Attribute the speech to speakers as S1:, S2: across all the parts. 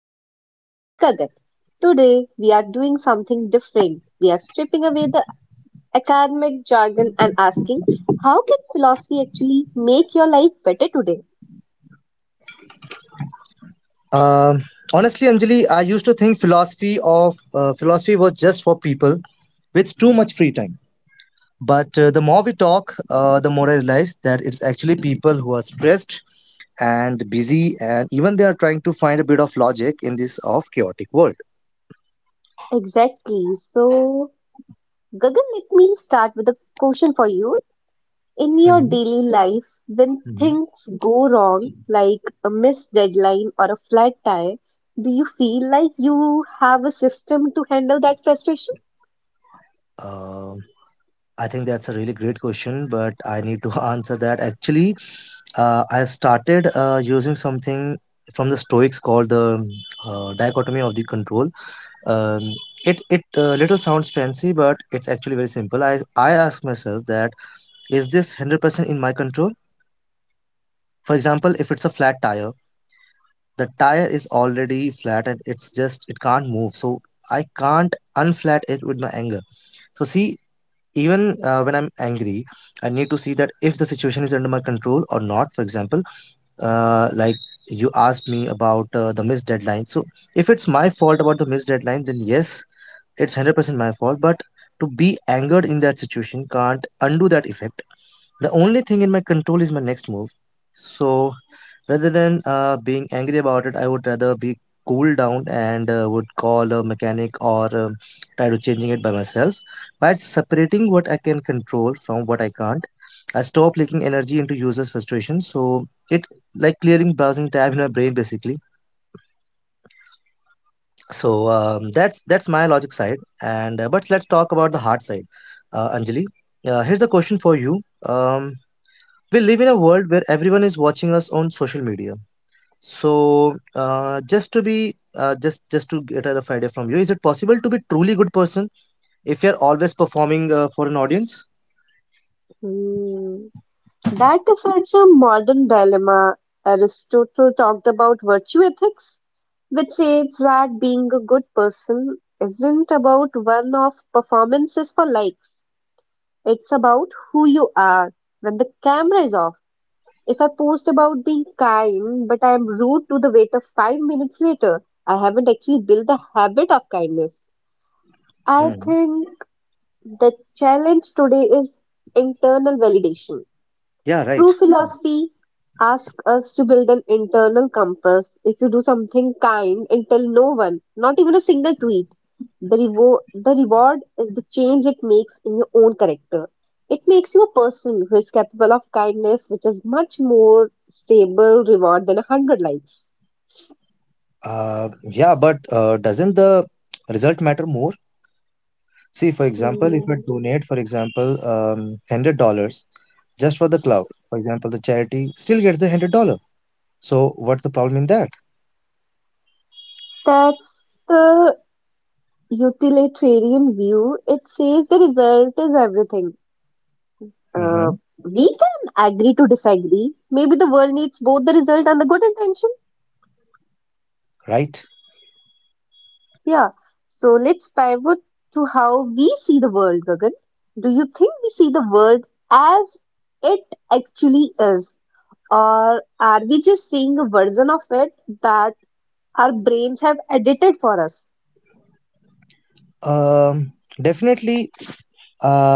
S1: and I'm here with Gagan. Today we are doing something different. We are stripping away the academic jargon and asking how can philosophy actually make your life better today?
S2: Um, Honestly, Anjali, I used to think philosophy was just for people with too much free time. But the more we talk, the more I realize that it's actually people who are stressed and busy, and even they are trying to find a bit of logic in this of chaotic world.
S1: Exactly. So, Gagan, let me start with a question for you. In your
S2: Mhm,
S1: daily life, when
S2: mhm.
S1: things go wrong, like a missed deadline or a flat tire, do you feel like you have a system to handle that frustration?
S2: Um, I think that's a really great question, but I need to answer that. Actually, I've started using something from the Stoics called the dichotomy of the control. Um, it it uh, little sounds fancy, but it's actually very simple. I ask myself, that is this 100% in my control? For example, if it's a flat tire, the tire is already flat and it's just, it can't move, so I can't unflat it with my anger. So see, even when I'm angry, I need to see that if the situation is under my control or not. For example, like you asked me about the missed deadline, so if it's my fault about the missed deadline, then yes, it's 100% my fault, but to be angered in that situation can't undo that effect. The only thing in my control is my next move. So rather than being angry about it, I would rather be cool down and would call a mechanic, or try to changing it by myself. By separating what I can control from what I can't, I stop leaking energy into useless frustration. So it like clearing browsing tab in my brain, basically. So that's my logic side, and but let's talk about the heart side. Anjali, here's the question for you. um, we live in a world where everyone is watching us on social media. So just to get a rough idea from you, is it possible to be truly good person if you're always performing for an audience?
S1: Hmm. That is such a modern dilemma. Aristotle talked about virtue ethics, which says that being a good person isn't about one off performances for likes. It's about who you are when the camera is off. If I post about being kind but I am rude to the waiter 5 minutes later, I haven't actually built the habit of kindness. I
S2: Hmm.
S1: think the challenge today is internal validation.
S2: Yeah,
S1: True
S2: right.
S1: philosophy asks us to build an internal compass. If you do something kind and tell no one, not even a single tweet, the reward is the change it makes in your own character. It makes you a person who is capable of kindness, which is much more stable reward than 100 likes.
S2: Uh, yeah, but doesn't the result matter more? See, for example, if
S1: Hmm.
S2: I donate, for example, $100 just for the cloud. For example, the charity still gets the $100. So what's the problem in that?
S1: That's the utilitarian view. It says the result is everything. Uh,
S2: Mhm.
S1: we can agree to disagree. Maybe the world needs both the result and the good intention.
S2: Right?
S1: Yeah. So let's pivot to how we see the world, Gagan. Do you think we see the world as it actually is? Or are we just seeing a version of it that our brains have edited for us?
S2: Um, Definitely.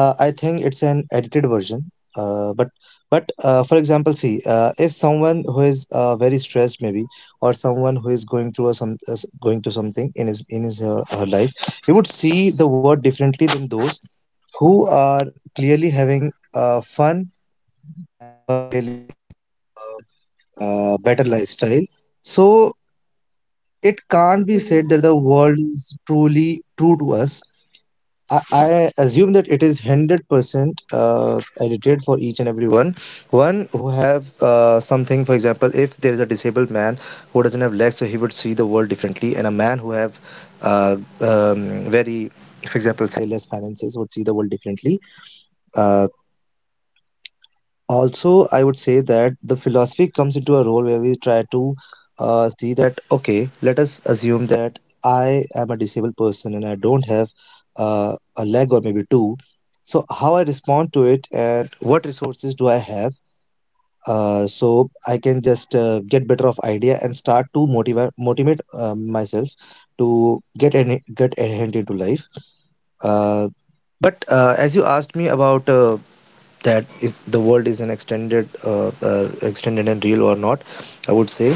S2: I think it's an edited version. But for example, see, if someone who is very stressed, maybe, or someone who is going through a, going through something in her life, he would see the word differently than those who are clearly having fun, really, better lifestyle. So it can't be said that the
S1: Mhm.
S2: world is truly true to us. I assume that it is 100% edited for each and everyone. One who have something, for example, if there is a disabled man who doesn't have legs, so he would see the world differently, and a man who have uh, um, very, for example, say less finances would see the world differently. Uh, Also, I would say that the philosophy comes into a role where we try to see that okay, let us assume that I am a disabled person and I don't have a leg or maybe two. So how I respond to it, and what resources do I have? So I can just get better of idea and start to motivate myself to get ahead into life. Uh, but uh, as you asked me about that if the world is an extended and real or not, I would say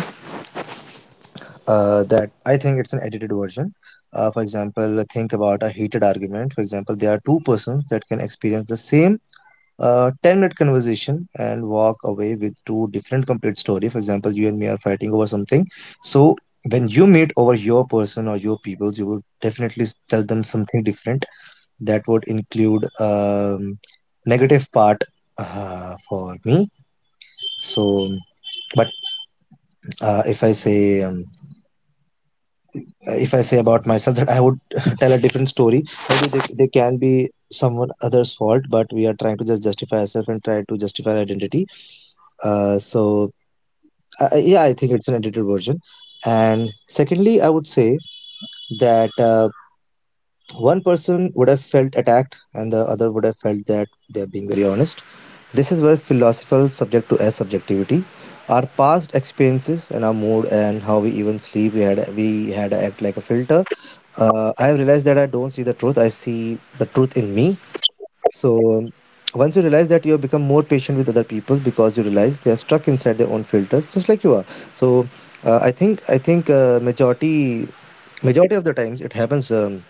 S2: that I think it's an edited version. For example, think about a heated argument. For example, there are two persons that can experience the same 10-minute conversation and walk away with two different complete story. For example, you and me are fighting over something, so when you meet over your person or your peoples, you would definitely tell them something different that would include negative part for me. So but uh, if i say um, if I say about myself that I would tell a different story. Maybe they can be someone other's fault, but we are trying to just justify ourselves and try to justify our identity. uh, so yeah, I think it's an edited version. And secondly, I would say that one person would have felt attacked, and the other would have felt that they're being very honest. This is where philosophical subject to as subjectivity, our past experiences and our mood and how we even sleep, we had to act like a filter. I have realized that I don't see the truth; I see the truth in me. So once you realize that, you have become more patient with other people because you realize they are stuck inside their own filters, just like you are. So I think majority of the times it happens.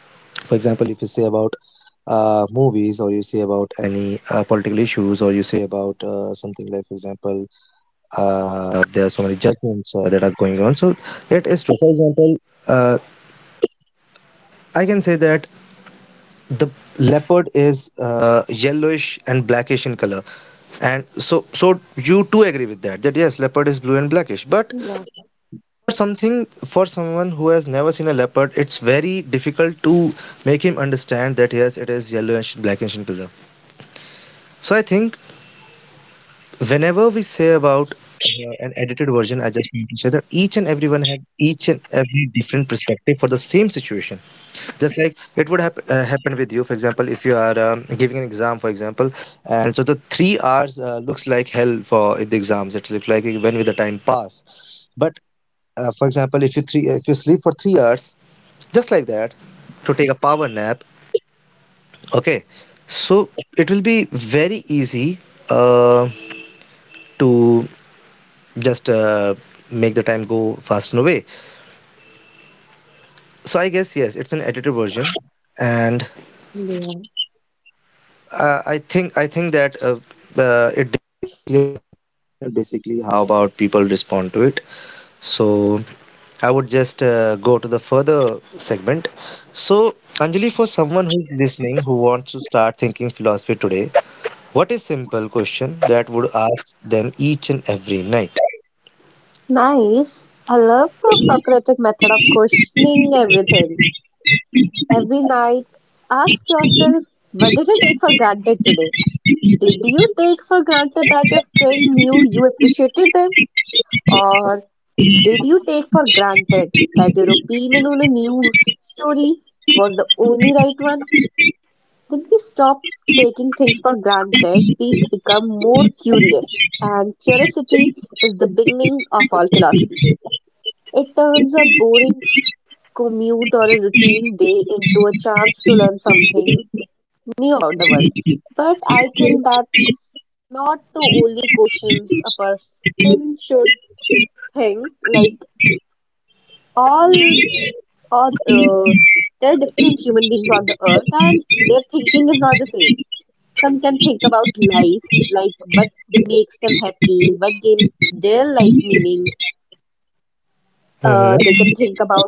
S2: For example, if you say about movies, or you say about any political issues, or you say about something, like for example, there are so many judgments that are going on. So it is true. For example, uh, I can say that the leopard is yellowish and blackish in color, and so you too agree with that, that yes, leopard is blue and blackish, but
S1: Yeah,
S2: for something for someone who has never seen a leopard, it's very difficult to make him understand that yes, it is yellowish and blackish in color. So I think whenever we say about an edited version, I just want to say that each and everyone have each and every different perspective for the same situation. Just like it would happen with you. For example, if you are giving an exam, for example, and so the 3 hours looks like hell for the exams. It looks like, when will the time pass? But for example, if you three if you sleep for 3 hours, just like that, to take a power nap, okay, so it will be very easy uh, to just make the time go fast and away. So I guess yes, it's an edited version, and
S1: yeah.
S2: I think that it depends basically how about people respond to it. So I would just go to the further segment. So Anjali, for someone who's listening, who wants to start thinking philosophy today, what is simple question that would ask them each and every night?
S1: Nice. I love the Socratic method of questioning everything. Every night, ask yourself, what did you take for granted today? Did you take for granted that your friend knew you appreciated them? Or did you take for granted that your opinion on a news story was the only right one? When we stop taking things for granted, we become more curious. And curiosity is the beginning of all philosophy. It turns a boring commute or a routine day into a chance to learn something new about the world. But I think that's not the only questions a person should think. Like all, all there are different human beings on the earth, and their thinking is not the same. Some can think about life, like what makes them happy, what gives their life meaning.
S2: Hmm.
S1: They can think about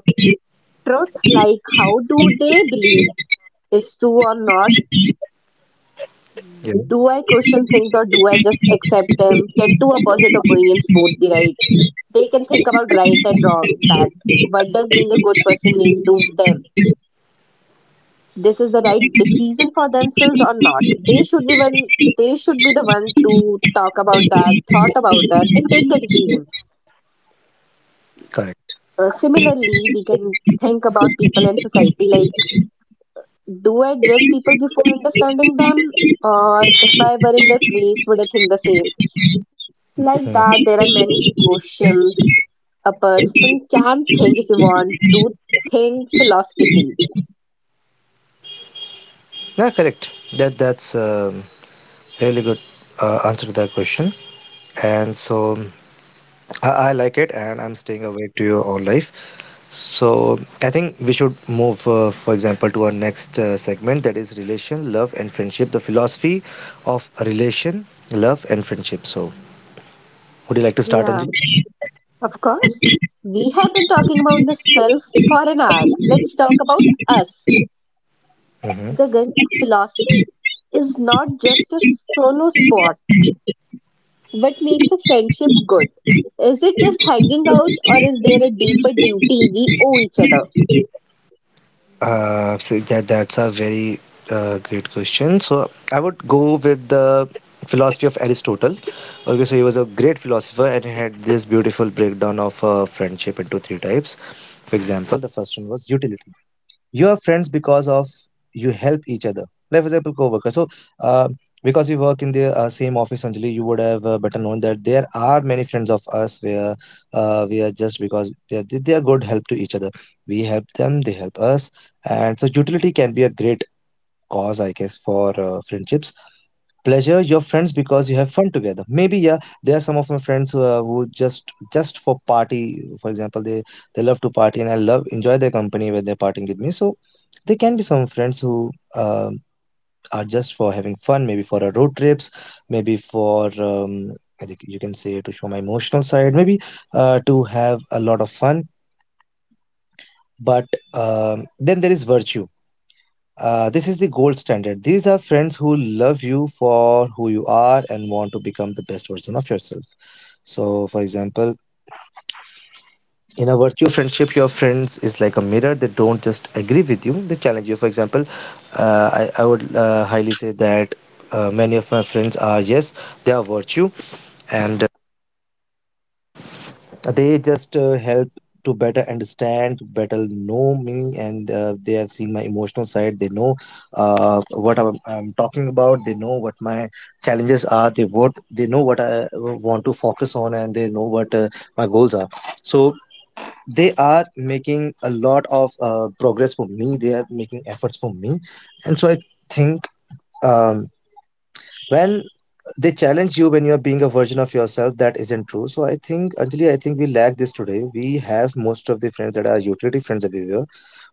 S1: truth, like how do they believe is true or not.
S2: Yeah,
S1: Do I question things or do I just accept them? Can two opposite opinions both be right? They can think about right and wrong, that what does being a good person mean to them? This is the right decision for themselves or not. They should be the one to talk about that, thought about that, and take the decision.
S2: correct.
S1: Similarly, we can think about people in society like, do I judge people before understanding them? Or if I were in their place, would I think the same? Like
S2: Hmm.
S1: that, there are many questions a person can think if you want to think philosophically.
S2: Yeah, correct. That's really good answer to that question. And so I like it, and I'm staying awake to your own life. So I think we should move for example to our next segment, that is relation, love and friendship, the philosophy of relation, love and friendship. So would you like to start,
S1: Yeah,
S2: Anjali?
S1: of course. We have been talking about the self for an hour. Let's talk about us.
S2: Hmm.
S1: Gagan, philosophy is not just a solo sport. What makes a friendship good? Is it just hanging out, or is there a deeper duty we owe each other?
S2: That's a very great question. So I would go with the philosophy of Aristotle. Okay, so he was a great philosopher, and he had this beautiful breakdown of friendship into three types. For example, the first one was utility. You are friends because of you help each other, like for example, coworker. So uh, because we work in the same office, Anjali, you would have better known that there are many friends of us where we are just because they are good help to each other. We help them, they help us. And so utility can be a great cause, I guess, for friendships. Pleasure, your friends because you have fun together. Maybe, yeah, there are some of my friends who, are, who just for party. For example, they love to party, and I love enjoy their company when they're partying with me. So there can be some friends who are just for having fun, maybe for a road trips, maybe for I think you can say, to show my emotional side. Maybe to have a lot of fun. But then there is virtue. This is the gold standard. These are friends who love you for who you are and want to become the best version of yourself. So for example, in a virtue friendship, your friends is like a mirror. They don't just agree with you, they challenge you. For example, I would highly say that many of my friends are, yes, they are virtue. And they just help to better understand, better know me, and they have seen my emotional side. They know what I'm talking about. They know what my challenges are. They know what I want to focus on, and they know what my goals are. So they are making a lot of progress for me. They are making efforts for me, and so I think. Um, well, they challenge you when you are being a version of yourself that isn't true. So I think, Anjali, I think we lack this today. We have most of the friends that are utility friends everywhere.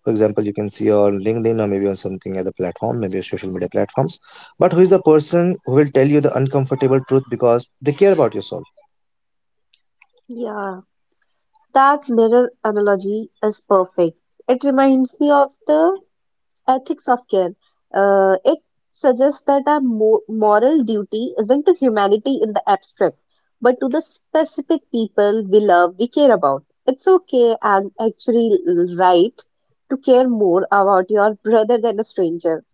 S2: For example, you can see on LinkedIn or maybe on something other platform, maybe on social media platforms. But who is the person who will tell you the uncomfortable truth because they care about yourself?
S1: Yeah, that mirror analogy is perfect. It reminds me of the Ethics of care. It suggests that our mo moral duty isn't to humanity in the abstract, but to the specific people we love, we care about. It's okay and actually right to care more about your brother than a stranger.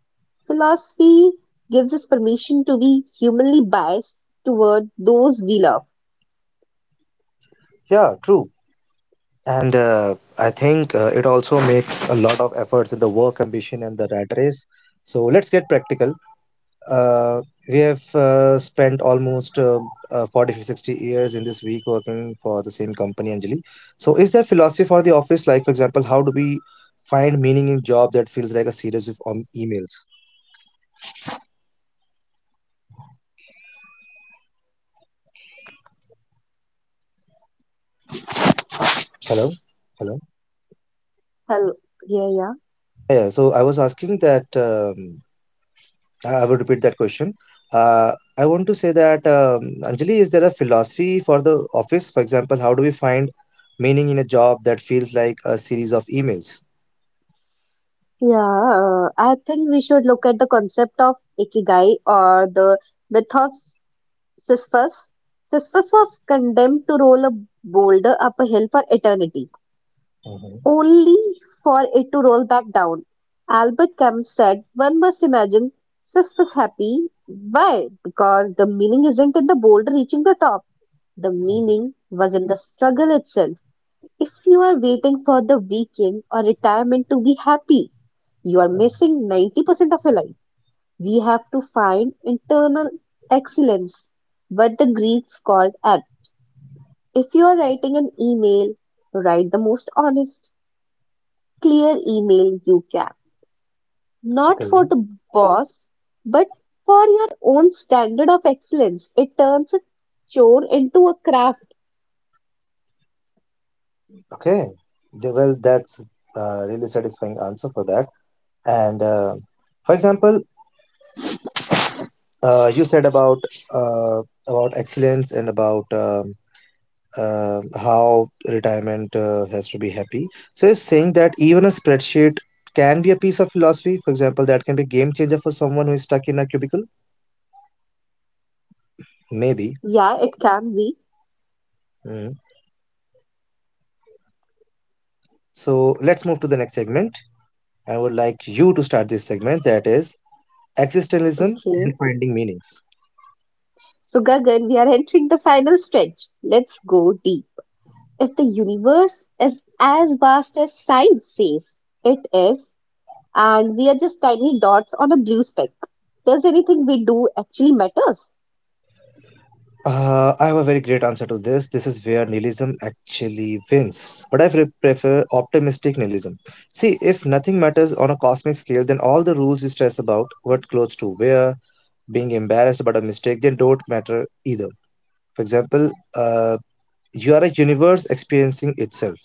S1: Philosophy gives us permission to be humanly biased toward those we love.
S2: Yeah, true. And I think it also makes a lot of efforts in the work ambition and the rat race. So let's get practical. Uh, we have spent almost 40 60 years in this week working for the same company, Anjali. So, is there philosophy for the office? Like, for example, how do we find meaning in job that feels like a series of emails? Hello, hello.
S1: Hello. Yeah, yeah.
S2: Yeah. So, I was asking that. I will repeat that question. I want to say that Anjali, is there a philosophy for the office? For example, how do we find meaning in a job that feels like a series of emails?
S1: Yeah, I think we should look at the concept of ikigai or the myth of Sisyphus. Sisyphus was condemned to roll a boulder up a hill for eternity,
S2: Mhm.
S1: only for it to roll back down. Albert Camus said, One must imagine Sisyphus happy. Why? Because the meaning isn't in the boulder reaching the top. The meaning was in the struggle itself. If you are waiting for the weekend or retirement to be happy, you are missing 90% of your life. We have to find internal excellence, what the Greeks called alchemy. If you are writing an email, write the most honest, clear email you can. Not
S2: Okay.
S1: for the boss, but for your own standard of excellence. It turns a chore into a craft.
S2: Okay, well, that's a really satisfying answer for that. And for example, you said uh, about excellence and about how retirement has to be happy. So it's saying that even a spreadsheet can be a piece of philosophy. For example, that can be game changer for someone who is stuck in a cubicle. Maybe.
S1: Yeah, it can be.
S2: Mhm. So let's move to the next segment. I would like you to start this segment. That is existentialism
S1: Okay.
S2: and finding meanings.
S1: So, Gagan, we are entering the final stretch. Let's go deep. If the universe is as vast as science says it is, and we are just tiny dots on a blue speck, does anything we do actually matters?
S2: I have a very great answer to this. This is where nihilism actually wins. But I prefer optimistic nihilism. See, if nothing matters on a cosmic scale, then all the rules we stress about, what clothes to wear, being embarrassed about a mistake, they don't matter either. For example, you are a universe experiencing itself.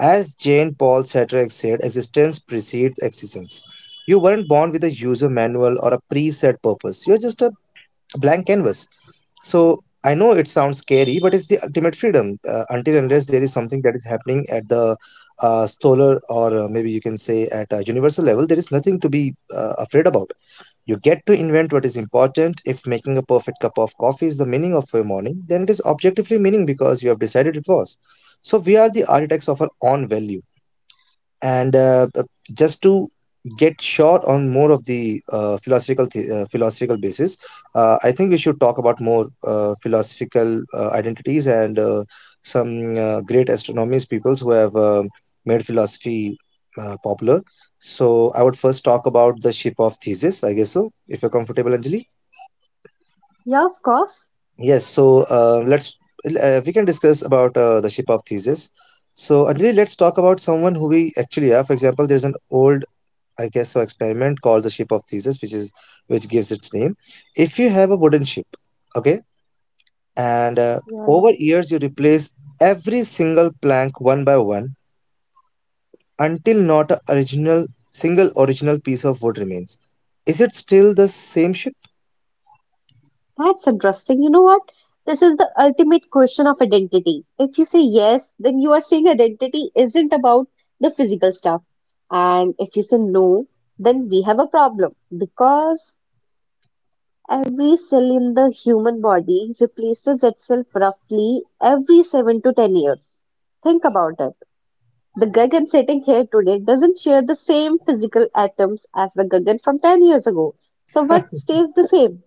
S2: As Jane Paul Sartre said, existence precedes existence. You weren't born with a user manual or a preset purpose. You're just a blank canvas. So I know it sounds scary, but it's the ultimate freedom. Until unless there is something that is happening at the solar or maybe you can say at a universal level, there is nothing to be afraid about. You get to invent what is important. If making a perfect cup of coffee is the meaning of your morning, then it is objectively meaning because you have decided it was. So we are the architects of our own value, and just to get sure on more of the philosophical philosophical basis, I think we should talk about more philosophical identities and some great astronomers peoples who have made philosophy popular. So I would first talk about the ship of thesis, I guess. So if you're comfortable, Anjali.
S1: Yeah, of course.
S2: Yes. So let's, we can discuss about the ship of thesis. So Anjali, let's talk about someone who we actually are. For example, there's an old, I guess so, experiment called the ship of Theseus, which is which gives its name. If you have a wooden ship, okay, and
S1: Yeah, yeah.
S2: over years you replace every single plank one by one until not a original single original piece of wood remains. Is it still the same ship?
S1: That's interesting. You know what? This is the ultimate question of identity. If you say yes, then you are saying identity isn't about the physical stuff. And if you say no, then we have a problem because every cell in the human body replaces itself roughly every 7 to 10 years. Think about it. The Gagan sitting here today doesn't share the same physical atoms as the Gagan from 10 years ago. So what stays the same?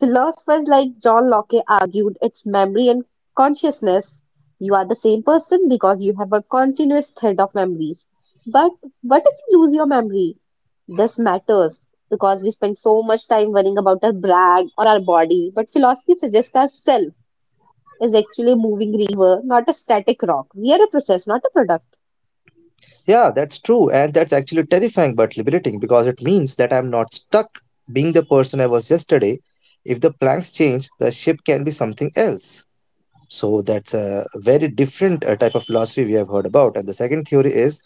S1: Philosophers like John Locke argued its memory and consciousness. You are the same person because you have a continuous thread of memories. But what if you lose your memory? This matters because we spend so much time worrying about our brand or our body. But philosophy suggests our self is actually a moving river, not a static rock. We are a process, not a product.
S2: Yeah, that's true, and that's actually terrifying but liberating because it means that I'm not stuck being the person I was yesterday. If the planks change, the ship can be something else. So that's a very different type of philosophy we have heard about. And the second theory is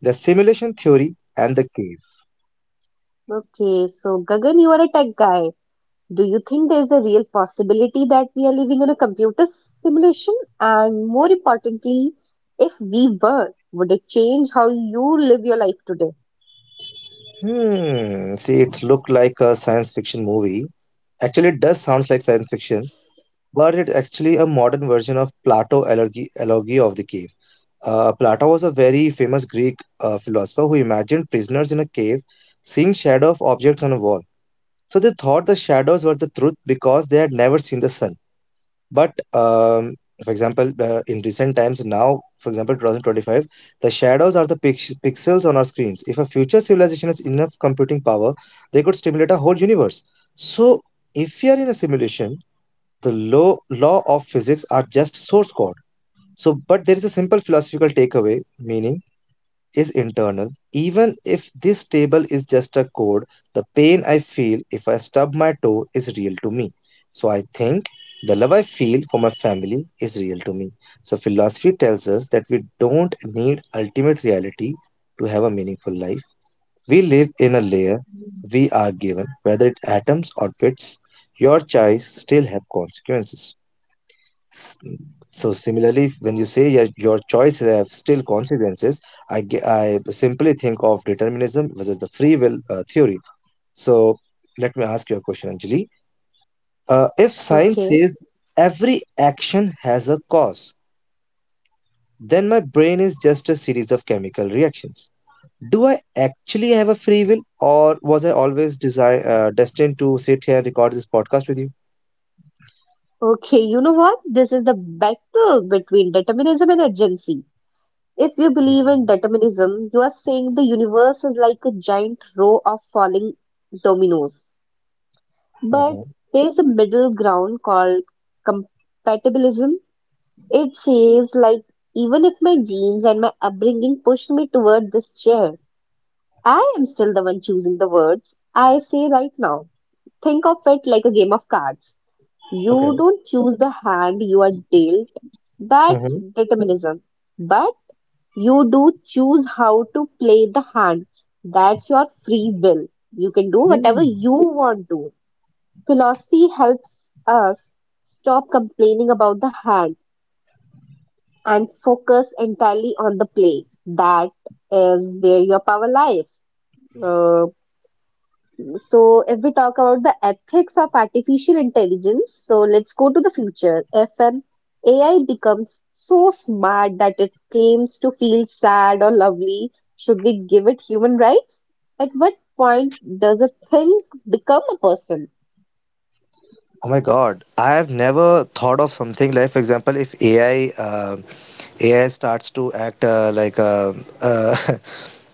S2: the simulation theory and the cave.
S1: Okay, so Gagan, you are a tech guy. Do you think there's a real possibility that we are living in a computer simulation? And more importantly, if we were, would it change how you live your life today?
S2: Hmm. See, it looked like a science fiction movie. Actually, it does sounds like science fiction, but it's actually a modern version of Plato' allegory, allegory of the cave. Plato was a very famous Greek philosopher who imagined prisoners in a cave seeing shadow of objects on a wall. So they thought the shadows were the truth because they had never seen the sun. But for example, in recent times now, for example, 2025, the shadows are the pixels on our screens. If a future civilization has enough computing power, they could stimulate a whole universe. So if we are in a simulation, the law of physics are just source code. So but there is a simple philosophical takeaway: meaning is internal. Even if this table is just a code, the pain I feel if I stub my toe is real to me. So I think the love I feel for my family is real to me. So philosophy tells us that we don't need ultimate reality to have a meaningful life. We live in a layer we are given, whether it atoms or bits. Your choice still have consequences. S- So similarly, when you say your choices have still consequences, I simply think of determinism versus the free will theory. So let me ask you a question, Anjali. If science
S1: Okay.
S2: says every action has a cause, then my brain is just a series of chemical reactions. Do I actually have a free will, or was I always destined to sit here and record this podcast with you?
S1: Okay, you know what? This is the battle between determinism and agency. If you believe in
S2: Mhm.
S1: determinism, you are saying the universe is like a giant row of falling dominoes. But
S2: Mhm.
S1: there is a middle ground called compatibilism. It says, like, even if my genes and my upbringing pushed me toward this chair, I am still the one choosing the words I say right now. Think of it like a game of cards. You
S2: Okay.
S1: don't choose the hand you are dealt, that's determinism. But you do choose how to play the hand, that's your free will. You can do whatever
S2: Mhm.
S1: you want to. Philosophy helps us stop complaining about the hand and focus entirely on the play. That is where your power lies. Uh, so, if we talk about the ethics of artificial intelligence, so let's go to the future. If an AI becomes so smart that it claims to feel sad or lovely, should we give it human rights? At what point does a thing become a person?
S2: Oh my God, I have never thought of something like, for example, if AI starts to act like uh,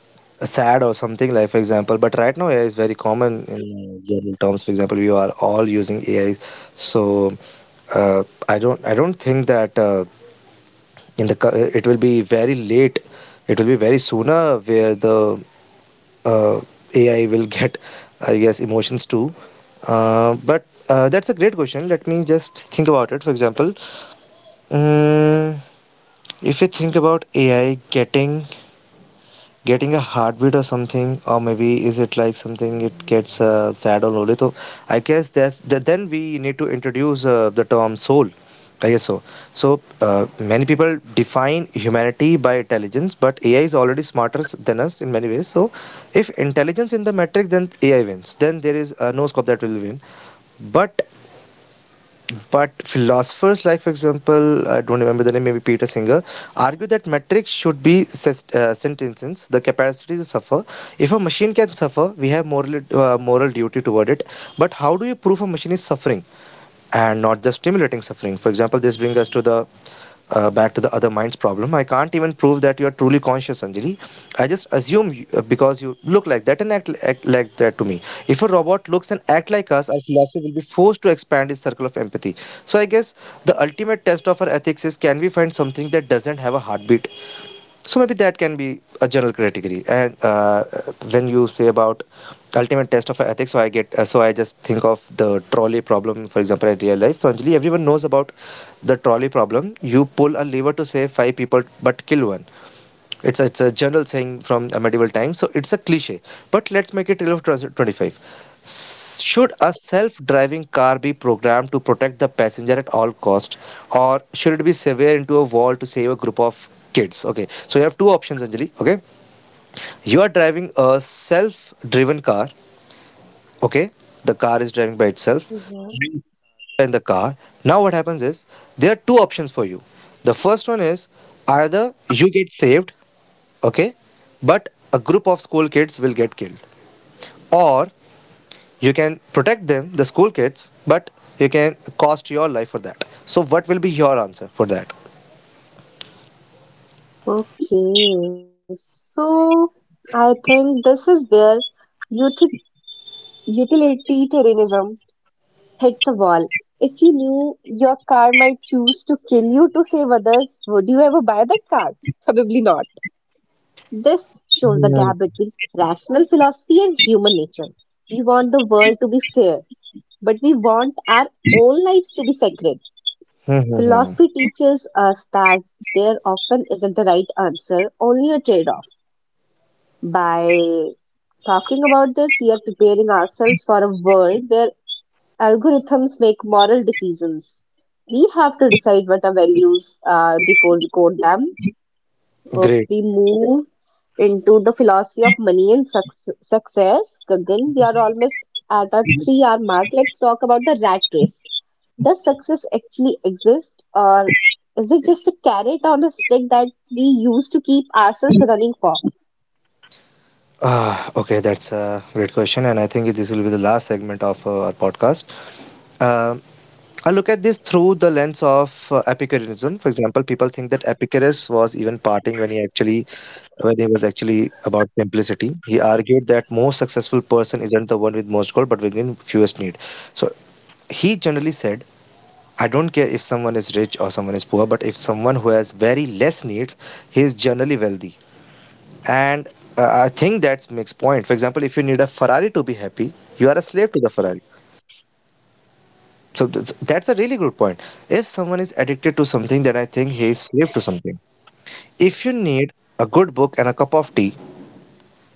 S2: sad or something like, for example. But right now, AI is very common in general terms. For example, we are all using AI, so uh, I don't think that in the it will be very late. It will be very sooner where the uh, AI will get, I guess, emotions too. But that's a great question. Let me just think about it. For example, mm, if you think about AI getting a heartbeat or something or maybe is it like something it gets sad or lonely. So I guess that then we need to introduce the term soul, I guess so. So uh, many people define humanity by intelligence, but AI is already smarter than us in many ways. So if intelligence in the metric, then AI wins. Then there is no scope that will win. But but philosophers, like for example, I don't remember the name, maybe Peter Singer, argue that metrics should be sentences, the capacity to suffer. If a machine can suffer, we have moral duty toward it. But how do you prove a machine is suffering and not just stimulating suffering? For example, this brings us to the back to the other mind's problem. I can't even prove that you are truly conscious, Anjali. I just assume you, because you look like that and act like that to me. If a robot looks and act like us, our philosophy will be forced to expand its circle of empathy. So I guess the ultimate test of our ethics is can we find something that doesn't have a heartbeat? So maybe that can be a general category. And when you say about ultimate test of ethics, so I get so I just think of the trolley problem, for example, in real life. So Anjali, everyone knows about the trolley problem. You pull a lever to save five people, but kill one. It's a general saying from a medieval time, so it's a cliche. But let's make it real of 25. Should a self-driving car be programmed to protect the passenger at all cost, or should it be severe into a wall to save a group of kids? Okay, so you have two options, Anjali. Okay, you are driving a self-driven car. Okay, the car is driving by itself in the
S1: Yeah.
S2: car. Now what happens is there are two options for you. The first one is either you get saved, okay, but a group of school kids will get killed, or you can protect them the school kids, but you can cost your life for that. So what will be your answer for that?
S1: Okay, so I think this is where uti- utilitarianism hits a wall. If you knew your car might choose to kill you to save others, would you ever buy that car? Probably not. This shows the gap between rational philosophy and human nature. We want the world to be fair, but we want our own lives to be sacred.
S2: Mm-hmm.
S1: Philosophy teaches us that there often isn't a right answer, only a trade off. By talking about this, we are preparing ourselves for a world where algorithms make moral decisions. We have to decide what our values are before we code them. If
S2: Great.
S1: we move into the philosophy of money and success, Gagan, we are almost at our 3 hour mark. Let's talk about the rat race. Does success actually exist, or is it just a carrot on a stick that we use to keep ourselves running for?
S2: Ah, okay, that's a great question, and I think this will be the last segment of our podcast. Um, I look at this through the lens of Epicureanism. For example, people think that Epicurus was even partying when he actually where he was actually about simplicity. He argued that most successful person isn't the one with most gold, but within fewest need. So he generally said, I don't care if someone is rich or someone is poor, but if someone who has very less needs, he is generally wealthy. And I think that's makes point. For example, if you need a Ferrari to be happy, you are a slave to the Ferrari. So that's a really good point. If someone is addicted to something, then I think he is slave to something. If you need a good book and a cup of tea,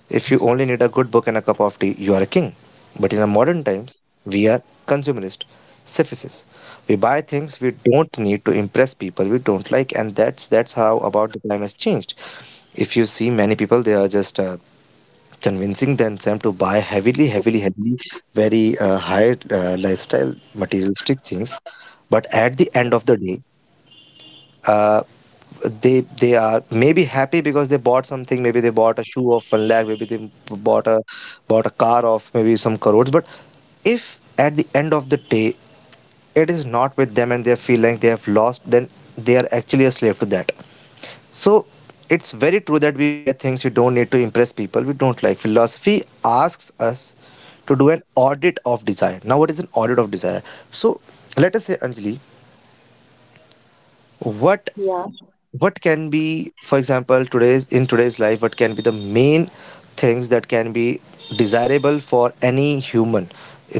S2: if you only need a good book and a cup of tea, you are a king. But in the modern times, we are consumerist, suffices. We buy things we don't need to impress people we don't like, and that's how about the time has changed. If you see many people, they are just convincing themselves to buy heavily, heavily, heavily, very high lifestyle materialistic things. But at the end of the day, uh, they are maybe happy because they bought something, maybe they bought a shoe of one lakh, maybe they bought a car of maybe some crores. But if at the end of the day it is not with them and they feel like they have lost, then they are actually a slave to that. So it's very true that we buy things we don't need to impress people we don't like. Philosophy asks us to do an audit of desire. Now what is an audit of desire? So let us say, Anjali, what
S1: Yeah,
S2: what can be, for example, today's, in today's life, what can be the main things that can be desirable for any human?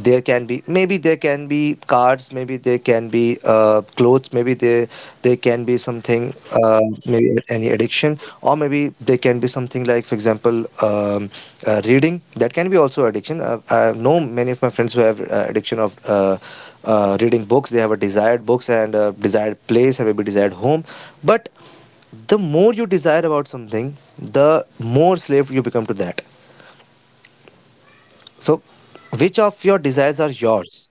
S2: There can be, maybe there can be cars, maybe there can be clothes, maybe there there can be something, uh, maybe any addiction, or maybe there can be something like, for example, reading, that can be also addiction. Uh, I know many of my friends who have addiction of reading books. They have a desired books and a desired place and maybe desired home. But the more you desire about something, the more slave you become to that. So, which of your desires are yours?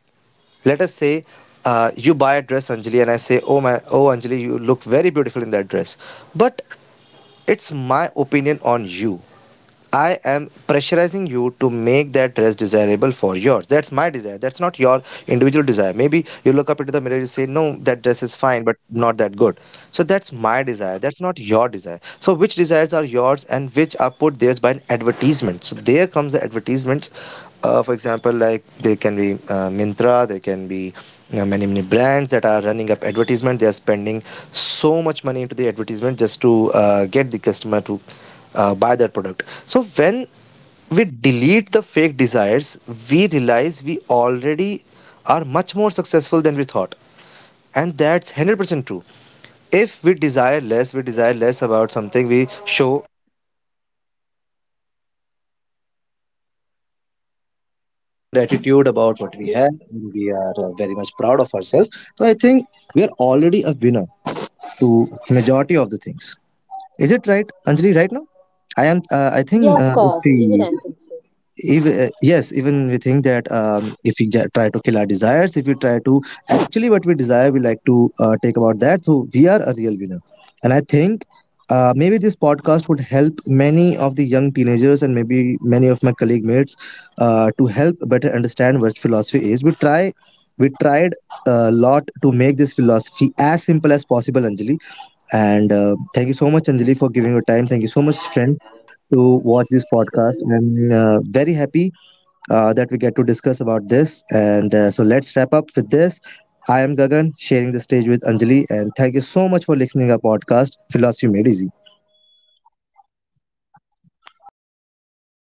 S2: Let us say you buy a dress, Anjali, and I say, "Oh my, oh Anjali, you look very beautiful in that dress," but it's my opinion on you. I am pressurizing you to make that dress desirable for yours. That's my desire. That's not your individual desire. Maybe you look up into the mirror, you say, "No, that dress is fine, but not that good." So that's my desire. That's not your desire. So which desires are yours and which are put there by an advertisement? So there comes the advertisements. For example, like they can be Mintra, they can be many many brands that are running up advertisement. They are spending so much money into the advertisement just to get the customer to buy that product. So when we delete the fake desires, we realize we already are much more successful than we thought. And that's 100% true. If we desire less, we desire less about something, we show gratitude about what
S1: ye-
S2: we have and we are very much proud of ourselves. So I think we are already a winner to majority of the things. Is it right, Anjali? Right now I am I
S1: yeah,
S2: think
S1: of
S2: if we
S1: course. Even I think so.
S2: even yes, even we think that if we try to kill our desires, if we try to actually what we desire, we like to take about that, so we are a real winner. And I think maybe this podcast would help many of the young teenagers and maybe many of my colleague mates to help better understand what philosophy is. We try, we tried a lot to make this philosophy as simple as possible, Anjali. And thank you so much, Anjali, for giving your time. Thank you so much, friends, to watch this podcast. I'm very happy that we get to discuss about this. And so let's wrap up with this. I am Gagan, sharing the stage with Anjali, and thank you so much for listening our podcast, Philosophy Made Easy.